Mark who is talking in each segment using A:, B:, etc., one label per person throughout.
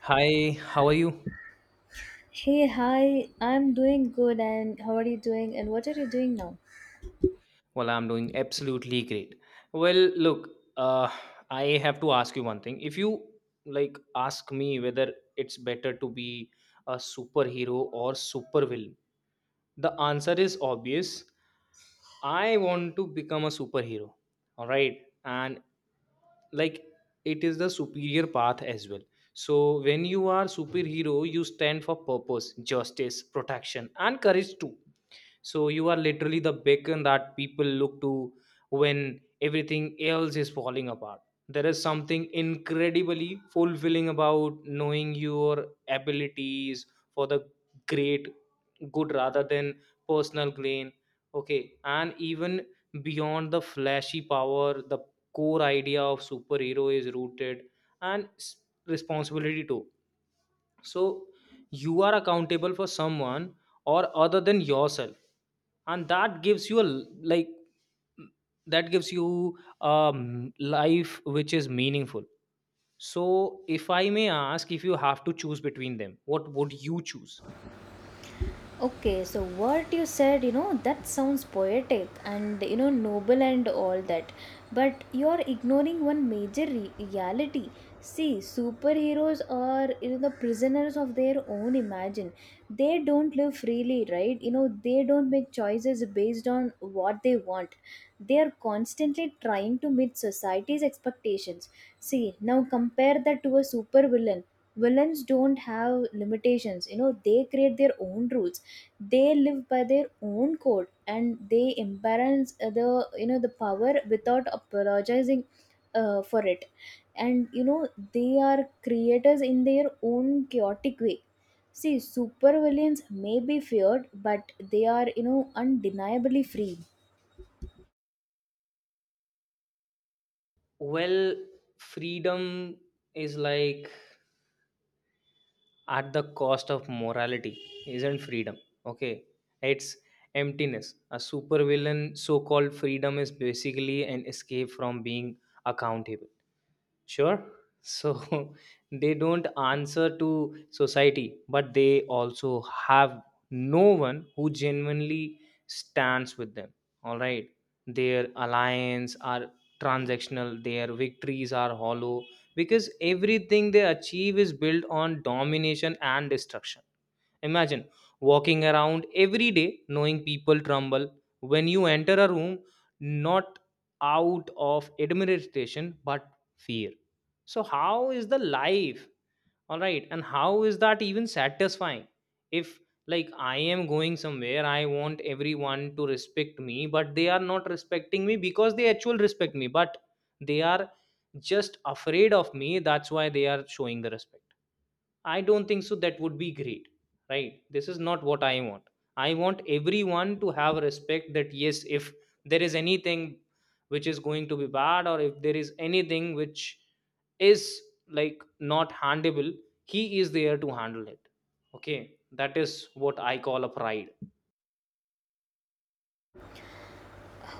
A: Hi, how are you?
B: Hey, hi, I'm doing good, and how are you doing? And what are you doing now?
A: Well, I'm doing absolutely great. Well, look, uh, I have to ask you one thing. If you ask me whether it's better to be a superhero or supervillain, the answer is obvious. I want to become a superhero. All right. And like it is the superior path as well. So when you are superhero, you stand for purpose, justice, protection, and courage too, so you are literally the beacon that people look to when everything else is falling apart. There is something incredibly fulfilling about knowing your abilities for the great good rather than personal gain. Okay, and even beyond the flashy power, the core idea of superhero is rooted and s- responsibility too. So you are accountable for someone or other than yourself, and that gives you a that gives you a life which is meaningful. So if I may ask, if you have to choose between them, what would you choose?
B: Okay, so what you said, that sounds poetic and, noble and all that. But you're ignoring one major reality. See, superheroes are, the prisoners of their own imagine. They don't live freely, right? They don't make choices based on what they want. They are constantly trying to meet society's expectations. See, now compare that to a supervillain. Villains don't have limitations. They create their own rules. They live by their own code, and they embarrass the you know the power without apologizing for it. And they are creators in their own chaotic way. See, supervillains may be feared, but they are, undeniably free.
A: Well, freedom is at the cost of morality isn't freedom, okay, it's emptiness. A supervillain so-called freedom is basically an escape from being accountable. Sure. So they don't answer to society, but they also have no one who genuinely stands with them. All right. Their alliance are transactional, their victories are hollow because everything they achieve is built on domination and destruction. Imagine walking around every day knowing people tremble when you enter a room, not out of admiration but fear. So, how is the life? All right. And how is that even satisfying? If, like, I am going somewhere, I want everyone to respect me, but they are not respecting me because they actually respect me, but they are just afraid of me. That's why they are showing the respect. I don't think so. That would be great, right? This is not what I want. I want everyone to have respect that, yes, if there is anything which is going to be bad or if there is anything which is like not handable, he is there to handle it. Okay, that is what I call a pride.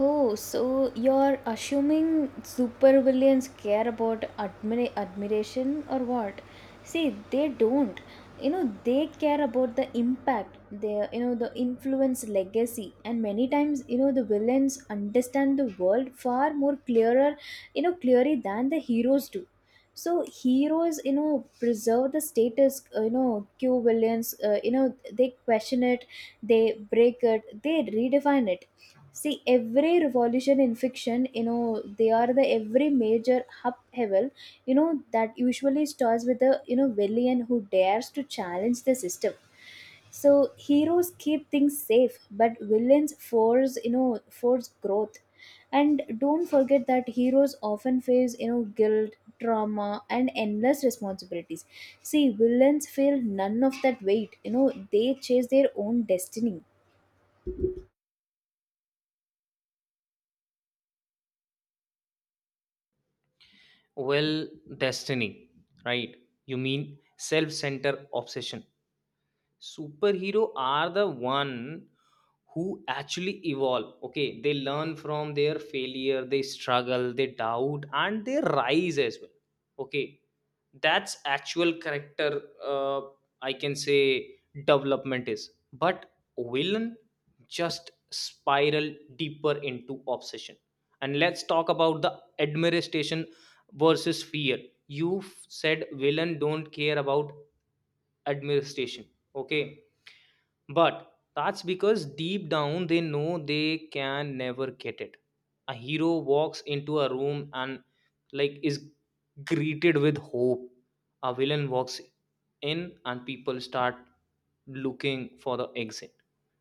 B: Oh, so you're assuming supervillains care about admiration or what? See, they don't. They care about the impact, their, the influence, legacy, and many times the villains understand the world far more clearer, clearly, than the heroes do. So heroes, preserve the status, Q villains, they question it, they break it, they redefine it. See, every revolution in fiction, they are the every major upheaval, that usually starts with a, villain who dares to challenge the system. So heroes keep things safe, but villains force growth. And don't forget that heroes often face, guilt, trauma, and endless responsibilities. See, villains feel none of that weight. They chase their own destiny.
A: Well, destiny, right? You mean self centered obsession. Superhero are the one who actually evolve. Okay, they learn from their failure, they struggle, they doubt, and they rise as well. Okay, that's actual character, uh, I can say development is, but villain just spiral deeper into obsession. And let's talk about the administration versus fear. You said villain don't care about administration, okay, but that's because deep down they know they can never get it. A hero walks into a room and is greeted with hope. A villain walks in and people start looking for the exit.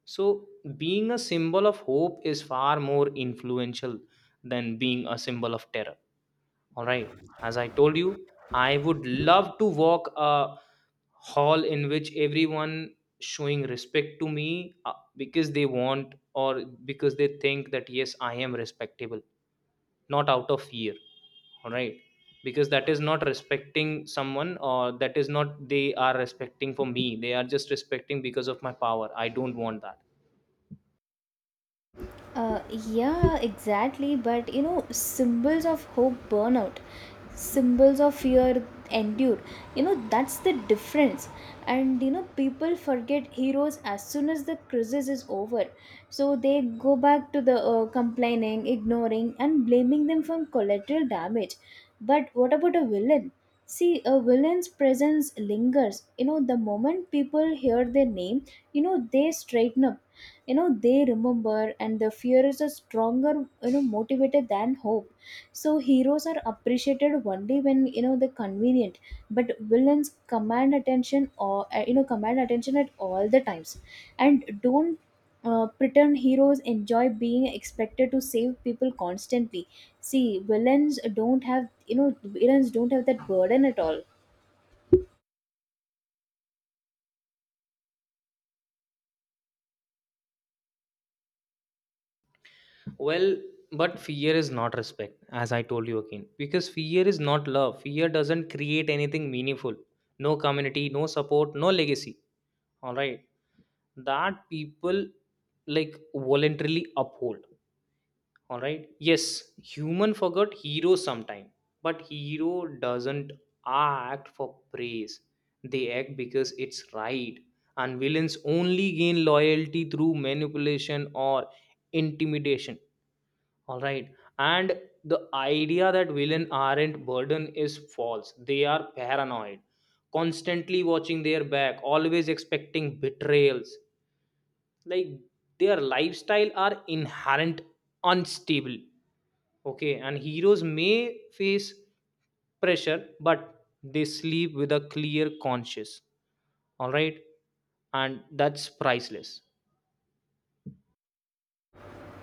A: So being a symbol of hope is far more influential than being a symbol of terror. All right. As I told you, I would love to walk a hall in which everyone showing respect to me because they want or because they think that yes I am respectable, not out of fear. All right, because that is not respecting someone, or that is not they are respecting for me, they are just respecting because of my power. I don't want that.
B: Yeah, exactly. But symbols of hope burn out, symbols of fear endure. That's the difference. And people forget heroes as soon as the crisis is over. So they go back to the complaining, ignoring, and blaming them for collateral damage. But what about a villain? See, a villain's presence lingers. The moment people hear their name, they straighten up. They remember, and the fear is a stronger, motivated than hope. So heroes are appreciated only when, they're convenient. But villains command attention, or command attention at all the times. And don't pretend heroes enjoy being expected to save people constantly. See, villains don't have that burden at all.
A: Well, but fear is not respect, as I told you again, because fear is not love. Fear doesn't create anything meaningful, no community, no support, no legacy. All right, that people voluntarily uphold. All right, yes, human forgot hero sometime, but hero doesn't act for praise, they act because it's right. And villains only gain loyalty through manipulation or intimidation. All right. And the idea that villain aren't burden is false. They are paranoid, constantly watching their back, always expecting betrayals. like their lifestyle are inherent unstable. Okay, and heroes may face pressure, but they sleep with a clear conscience. All right, and that's priceless.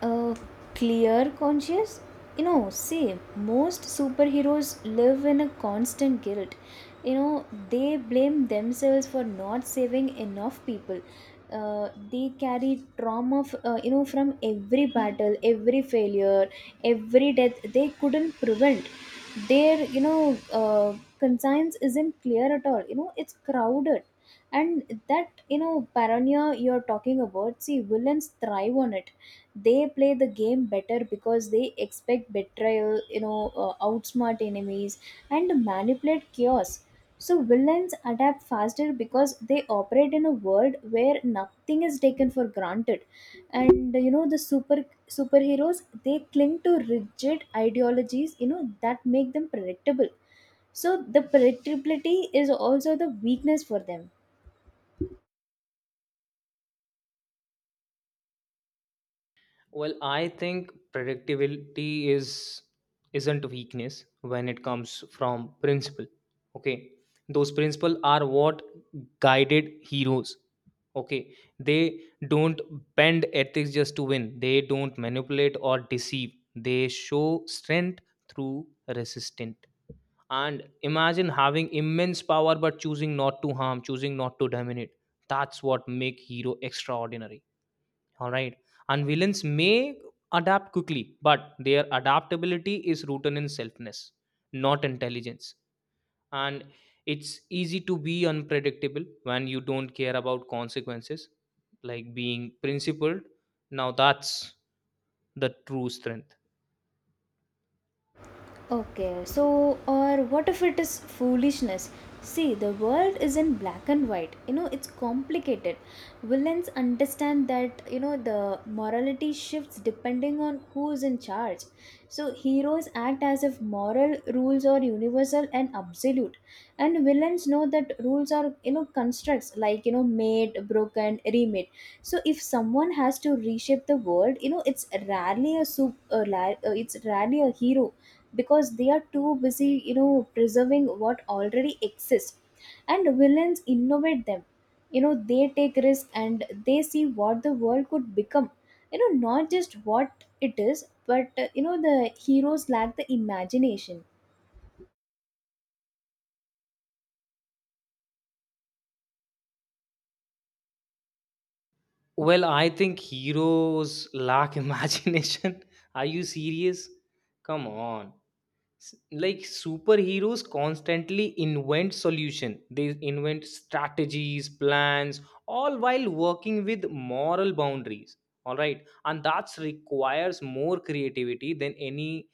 B: A clear conscience. See, most superheroes live in a constant guilt. you know they blame themselves for not saving enough people. They carry trauma, from every battle, every failure, every death they couldn't prevent. Their, conscience isn't clear at all. It's crowded. And that, paranoia you're talking about. See, villains thrive on it. They play the game better because they expect betrayal, outsmart enemies, and manipulate chaos. So villains adapt faster because they operate in a world where nothing is taken for granted. And the superheroes, they cling to rigid ideologies, that make them predictable. So the predictability is also the weakness for them.
A: Well, I think predictability is isn't weakness when it comes from principle. Okay. Those principle are what guided heroes. Okay. They don't bend ethics just to win. They don't manipulate or deceive. They show strength through resistance. And imagine having immense power but choosing not to harm, choosing not to dominate. That's what make hero extraordinary. All right. And villains may adapt quickly, but their adaptability is rooted in selfness, not intelligence. And it's easy to be unpredictable when you don't care about consequences, like being principled. Now that's the true strength.
B: Okay, so or what if it is foolishness? See, the world isn't black and white. It's complicated. Villains understand that, the morality shifts depending on who is in charge. So heroes act as if moral rules are universal and absolute. And villains know that rules are, constructs, like, made, broken, remade. So if someone has to reshape the world, it's rarely a hero because they are too busy, preserving what already exists. And villains innovate them. They take risk, and they see what the world could become, not just what it is. But the heroes lack the imagination.
A: Well, I think heroes lack imagination. Are you serious? Come on. S- like superheroes constantly invent solution, they invent strategies, plans, all while working with moral boundaries. All right, and that requires more creativity than any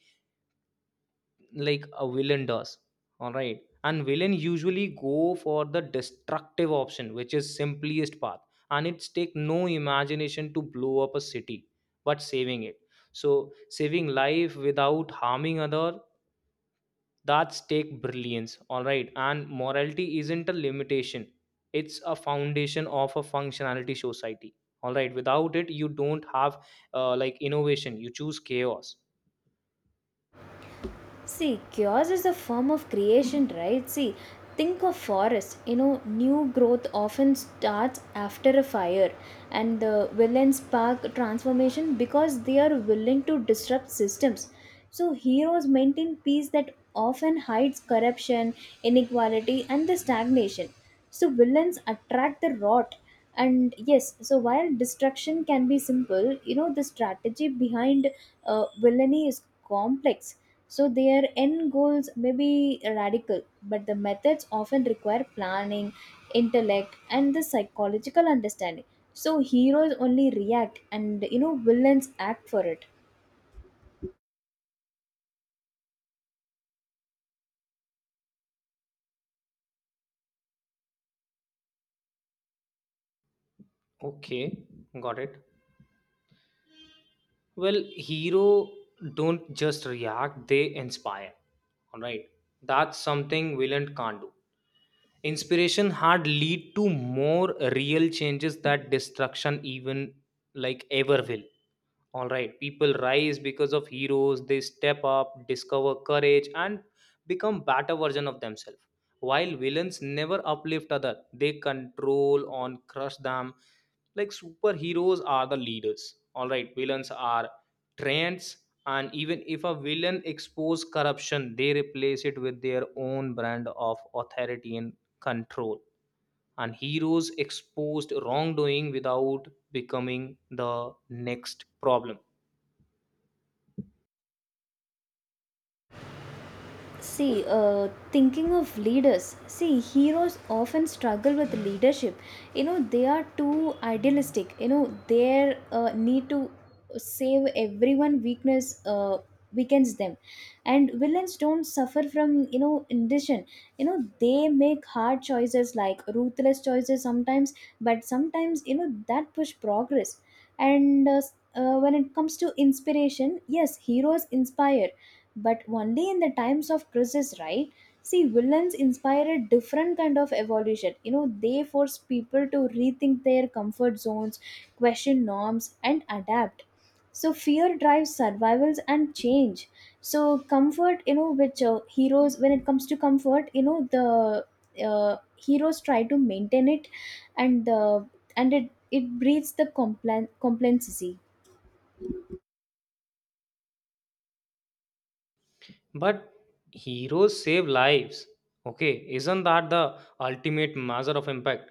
A: a villain does. All right, and villain usually go for the destructive option, which is simplest path. And it's take no imagination to blow up a city, but saving it, so saving life without harming other, that's take brilliance, all right. And morality isn't a limitation, it's a foundation of a functionality society, all right. Without it, you don't have innovation, you choose chaos.
B: See, chaos is a form of creation, right? See, think of forest. New growth often starts after a fire, and the villains spark transformation because they are willing to disrupt systems. So heroes maintain peace that often hides corruption, inequality, and the stagnation. So villains attract the rot. And yes, so while destruction can be simple, the strategy behind villainy is complex. So their end goals may be radical, but the methods often require planning, intellect, and the psychological understanding. So heroes only react, and villains act for it.
A: Okay, got it. Well, hero don't just react, they inspire, all right. That's something villain can't do. Inspiration had lead to more real changes that destruction even ever will. All right, people rise because of heroes, they step up, discover courage, and become better version of themselves, while villains never uplift other, they control on crush them. Like superheroes are the leaders, all right, villains are trends. And even if a villain expose corruption, they replace it with their own brand of authority and control. And heroes exposed wrongdoing without becoming the next problem.
B: See, thinking of leaders, see, heroes often struggle with leadership. They are too idealistic. Their need to save everyone weakness weakens them. And villains don't suffer from, indecision. They make hard choices, like ruthless choices sometimes, but sometimes, that push progress. And when it comes to inspiration, yes, heroes inspire but only in the times of crisis, right? See, villains inspire a different kind of evolution. They force people to rethink their comfort zones, question norms, and adapt. So fear drives survivals and change. So comfort, which heroes, when it comes to comfort, the heroes try to maintain it, and the and it breeds the complacency.
A: But heroes save lives. Okay, isn't that the ultimate measure of impact?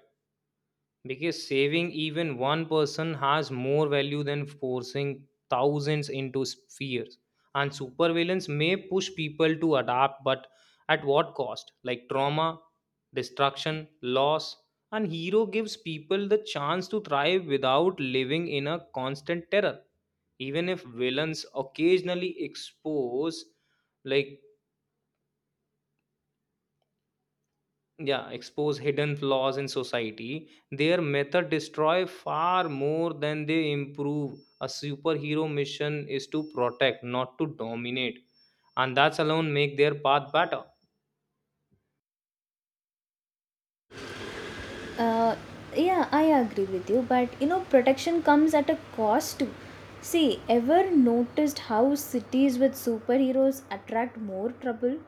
A: Because saving even one person has more value than forcing thousands into spheres. And supervillains may push people to adapt, but at what cost? Like trauma, destruction, loss. And hero gives people the chance to thrive without living in a constant terror. Even if villains occasionally expose, like yeah expose hidden flaws in society, their method destroy far more than they improve. A superhero mission is to protect, not to dominate, and that's alone make their path better.
B: Uh, yeah, I agree with you, but protection comes at a cost too. See, ever noticed how cities with superheroes attract more trouble?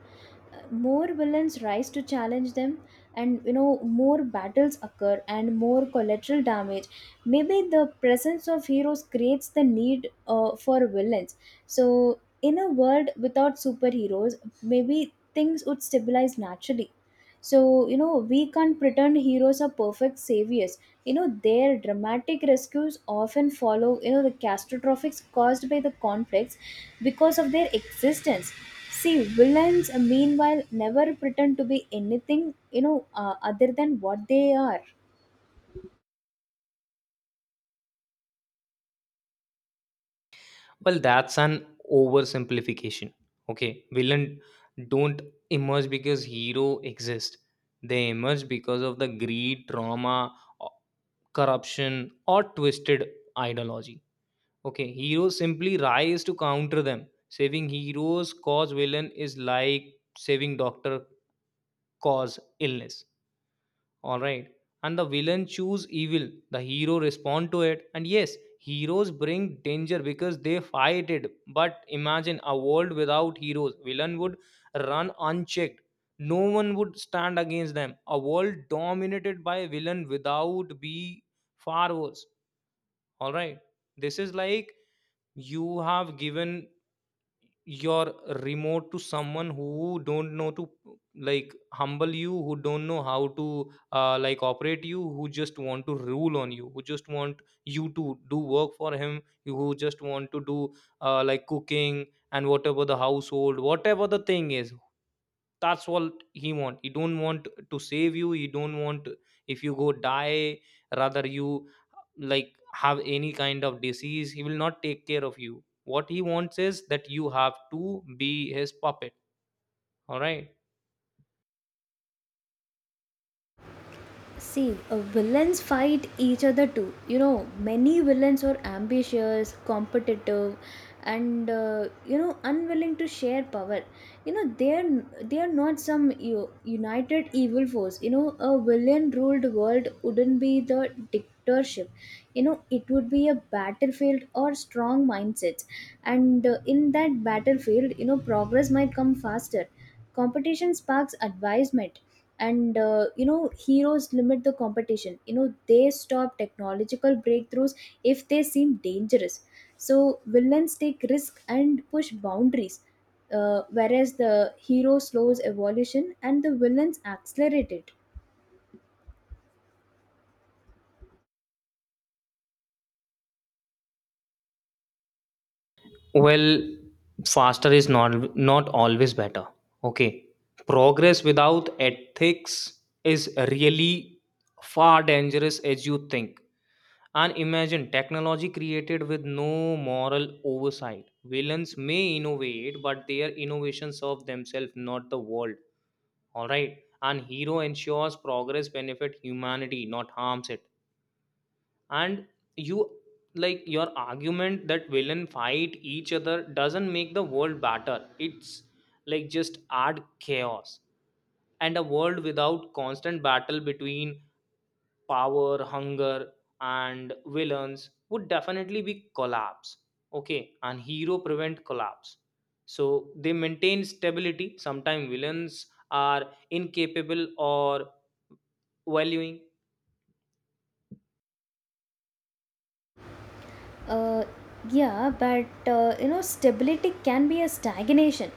B: More villains rise to challenge them, and more battles occur and more collateral damage. Maybe the presence of heroes creates the need for villains. So, in a world without superheroes, maybe things would stabilize naturally. So we can't pretend heroes are perfect saviors. Their dramatic rescues often follow, the catastrophes caused by the conflicts because of their existence. See, villains, meanwhile, never pretend to be anything, other than what they are.
A: Well, that's an oversimplification. Okay, villain don't emerge because hero exist, they emerge because of the greed, trauma, o- corruption, or twisted ideology. Okay, heroes simply rise to counter them. Saving heroes cause villain is like saving doctor cause illness. All right. And the villain choose evil, the hero respond to it. And yes, heroes bring danger because they fight it. But imagine a world without heroes. Villain would run unchecked. No one would stand against them. A world dominated by villain without be far worse. All right. This is like you have given your remote to someone who don't know to humble you, who don't know how to operate you, who just want to rule on you, who just want you to do work for him, who just want to do cooking and whatever the household, whatever the thing is. That's what he want. He don't want to save you, he don't want, if you go die, rather you have any kind of disease, he will not take care of you. What he wants is that you have to be his puppet. All right.
B: See, villains fight each other too. Many villains are ambitious, competitive, and unwilling to share power. They are not some united evil force. A villain-ruled world wouldn't be the dictatorship. It would be a battlefield or strong mindsets, and in that battlefield, progress might come faster. Competition sparks advisement, and heroes limit the competition. They stop technological breakthroughs if they seem dangerous. So villains take risk and push boundaries, whereas the hero slows evolution and the villains accelerate it.
A: Well, faster is not not always better. Okay, progress without ethics is really far dangerous as you think. And imagine technology created with no moral oversight. Villains may innovate, but their innovations serve themselves, not the world. All right. And hero ensures progress benefit humanity, not harms it. And you your argument that villain fight each other doesn't make the world better. It's like just add chaos. And a world without constant battle between power hunger and villains would definitely be collapse. Okay, and hero prevent collapse, so they maintain stability sometimes villains are incapable or valuing.
B: Uh, yeah, but stability can be a stagnation.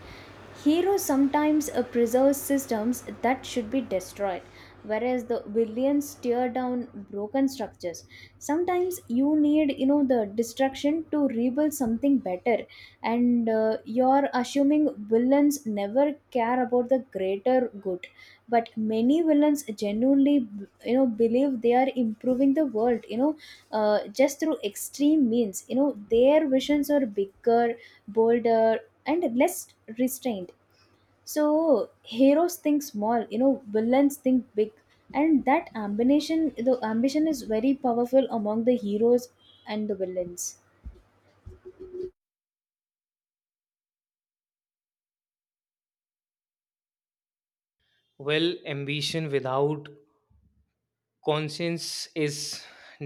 B: Heroes sometimes preserve systems that should be destroyed, whereas the villains tear down broken structures. Sometimes you need, the destruction to rebuild something better, and you're assuming villains never care about the greater good. But many villains genuinely, believe they are improving the world. Just through extreme means. Their visions are bigger, bolder, and less restrained. So heroes think small, villains think big. And that ambition, the ambition, is very powerful among the heroes and the villains.
A: Well, ambition without conscience is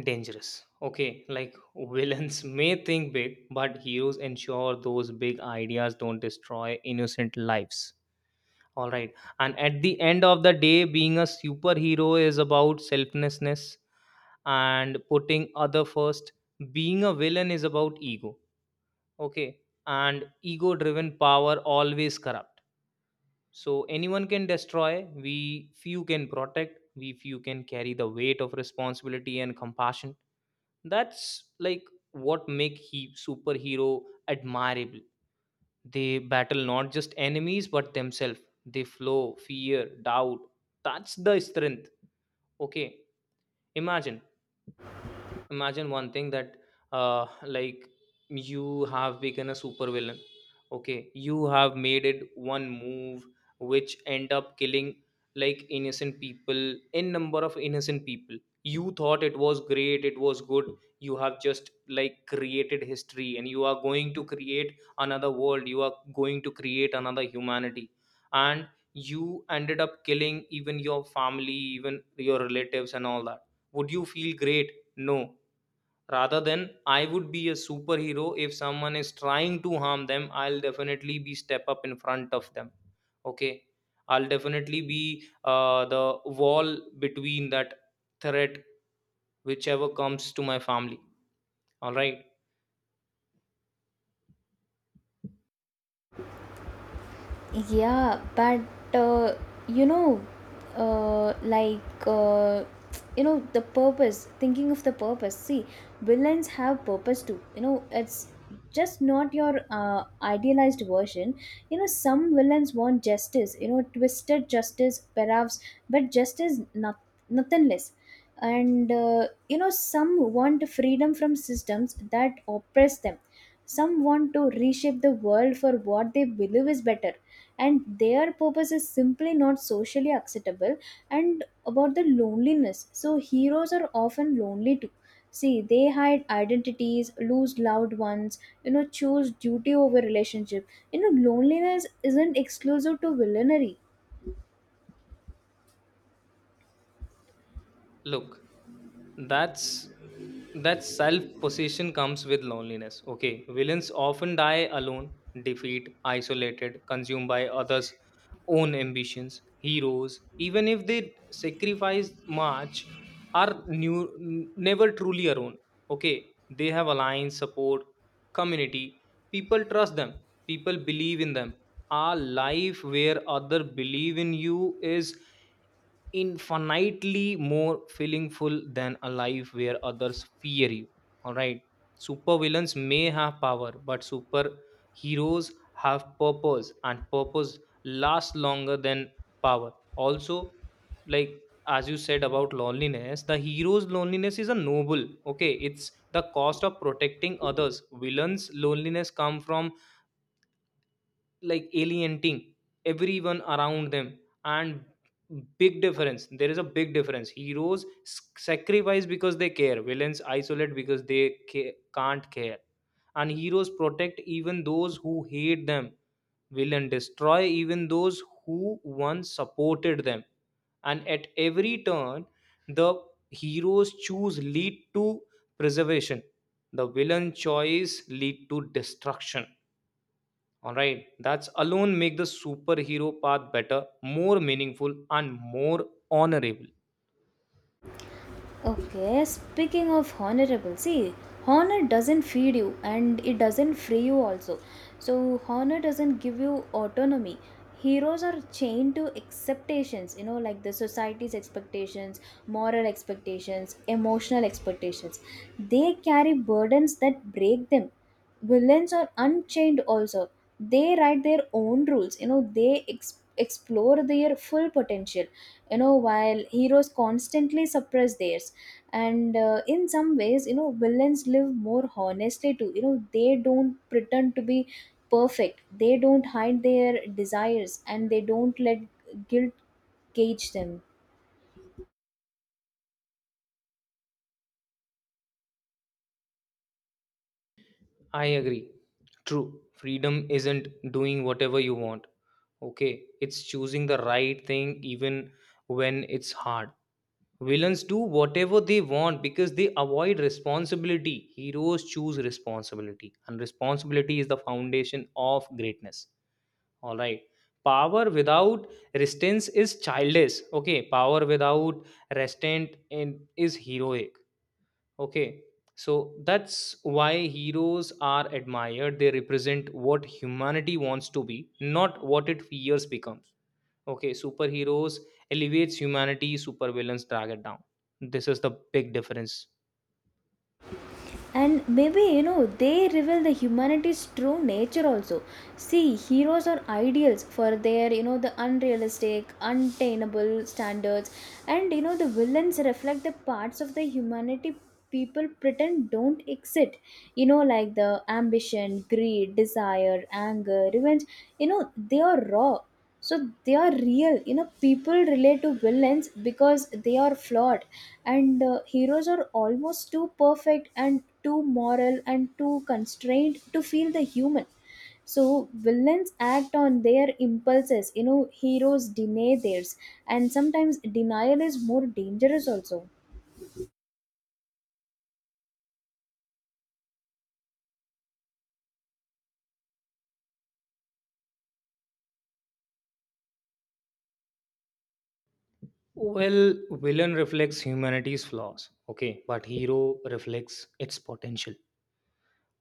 A: dangerous. Okay, like villains may think big, but heroes ensure those big ideas don't destroy innocent lives. All right. And at the end of the day, being a superhero is about selflessness and putting other first. Being a villain is about ego. Okay. And ego driven power always corrupt. So anyone can destroy, we few can protect, we few can carry the weight of responsibility and compassion. That's what make he superhero admirable. They battle not just enemies but themselves. They flow, fear, doubt. That's the strength. Okay, imagine imagine one thing that uh like you have become a super villain. Okay, you have made it one move which end up killing like innocent people, in number of innocent people. You thought it was great, it was good. You have just like created history and you are going to create another world, you are going to create another humanity. And you ended up killing even your family, even your relatives and all that. Would you feel great? No. Rather than, I would be a superhero. If someone is trying to harm them, I'll definitely be step up in front of them. Okay, I'll definitely be the wall between that threat, whichever comes to my family. All right.
B: Yeah, but uh, you know, like the purpose. Thinking of the purpose. See, villains have purpose too. It's just not your idealized version. Some villains want justice. Twisted justice, perhaps, but justice, not nothing less. And some want freedom from systems that oppress them. Some want to reshape the world for what they believe is better, and their purpose is simply not socially acceptable. And about the loneliness, so heroes are often lonely too. See, they hide identities, lose loved ones, choose duty over relationship. Loneliness isn't exclusive to villainy.
A: Look, that's, that self-possession comes with loneliness. Okay, villains often die alone, defeat, isolated, consumed by others' own ambitions. Heroes, even if they sacrifice much, are new, never truly alone. Okay, they have alliance, support, community. People trust them. People believe in them. A life where other believe in you is infinitely more feelingful than a life where others fear you. All right. Supervillains may have power, but superheroes have purpose, and purpose lasts longer than power. Also, like as you said about loneliness, the hero's loneliness is a noble. Okay, it's the cost of protecting others. Villains' loneliness come from like alienating everyone around them. And big difference, there is a big difference. Heroes sacrifice because they care, villains isolate because they can't care. And heroes protect even those who hate them, villain destroy even those who once supported them. And at every turn, the hero's choose lead to preservation, the villain choice lead to destruction. All right, that's alone make the superhero path better, more meaningful, and more honorable.
B: Okay, speaking of honorable, see, honor doesn't feed you, and it doesn't free you also. So honor doesn't give you autonomy. Heroes are chained to expectations, like the society's expectations, moral expectations, emotional expectations. They carry burdens that break them. Villains are unchained also. They write their own rules. They explore their full potential, while heroes constantly suppress theirs. And in some ways, villains live more honestly too. They don't pretend to be perfect. They don't hide their desires, and they don't let guilt cage them.
A: I agree. True freedom isn't doing whatever you want. Okay, it's choosing the right thing even when it's hard. Villains do whatever they want because they avoid responsibility, heroes choose responsibility, and responsibility is the foundation of greatness. All right. Power without restraints is childish. Okay. Power without restraint in, is heroic. Okay. So that's why heroes are admired. They represent what humanity wants to be, not what it fears becomes. Okay. Superheroes elevates humanity, supervillains drag it down. This is the big difference.
B: And maybe they reveal the humanity's true nature also. See, heroes are ideals for their, the unrealistic, untainable standards. And the villains reflect the parts of the humanity people pretend don't exist. Like the ambition, greed, desire, anger, revenge, they are raw. So they are real. People relate to villains because they are flawed. And heroes are almost too perfect and too moral and too constrained to feel the human. So villains act on their impulses, heroes deny theirs. And sometimes denial is more dangerous also.
A: Well, villain reflects humanity's flaws. Okay. But hero reflects its potential.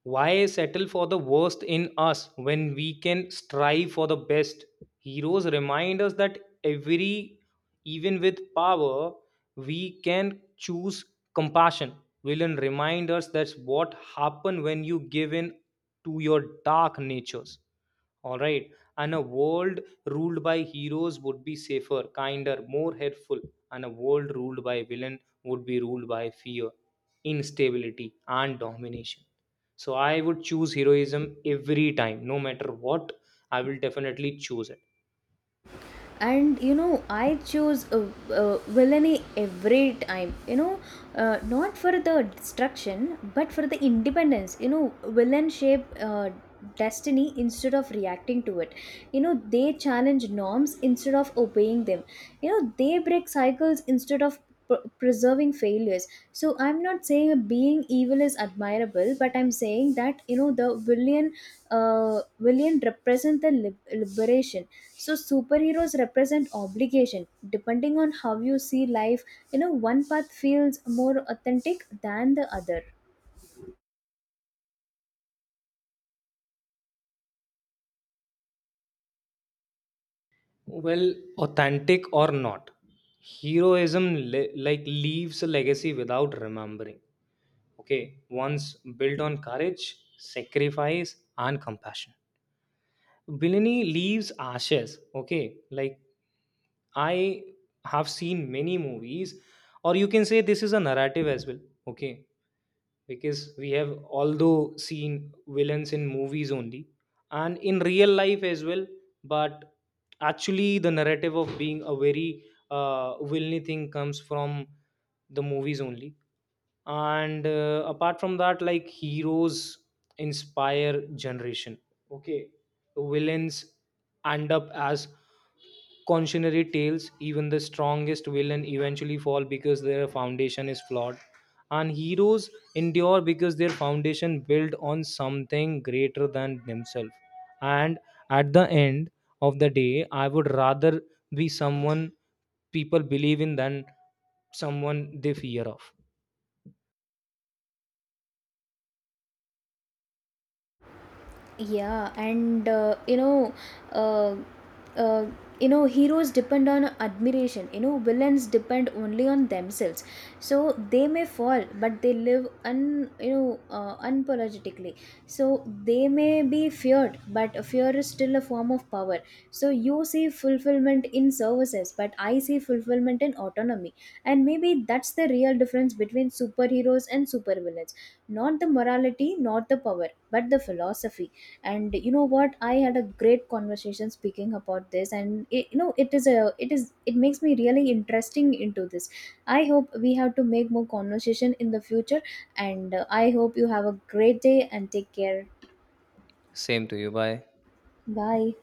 A: Why settle for the worst in us when we can strive for the best? Heroes remind us that every, even with power, we can choose compassion. Villain remind us that's what happen when you give in to your dark natures. All right, and a world ruled by heroes would be safer, kinder, more helpful, and a world ruled by villain would be ruled by fear, instability, and domination. So I would choose heroism every time, no matter what. I will definitely choose it.
B: And I choose villainy every time. Not for the destruction, but for the independence. Villain shape destiny instead of reacting to it. They challenge norms instead of obeying them. They break cycles instead of preserving failures. So I'm not saying being evil is admirable, but I'm saying that, the uh villain represent the liberation. So superheroes represent obligation. Depending on how you see life, one path feels more authentic than the other.
A: Well, authentic or not, heroism like leaves a legacy without remembering. Okay, once built on courage, sacrifice, and compassion. Billini leaves ashes. Okay, like I have seen many movies, or you can say this is a narrative as well. Okay, because we have although seen villains in movies only, and in real life as well, but actually the narrative of being a very villainy thing comes from the movies only. And apart from that, like heroes inspire generation. Okay, villains end up as cautionary tales. Even the strongest villain eventually fall because their foundation is flawed, and heroes endure because their foundation built on something greater than themselves. And at the end of the day, I would rather be someone people believe in than someone they fear of.
B: Yeah, and uh, uh, heroes depend on admiration. Villains depend only on themselves. So they may fall, but they live un you know unapologetically. So they may be feared, but fear is still a form of power. So you see fulfillment in services, but I see fulfillment in autonomy. And maybe that's the real difference between superheroes and supervillains. Not the morality, not the power, but the philosophy. And what, I had a great conversation speaking about this, and it, you know it is a it is it makes me really interesting into this. I hope we have to make more conversation in the future. And I hope you have a great day and take care.
A: Same to you. Bye.
B: Bye.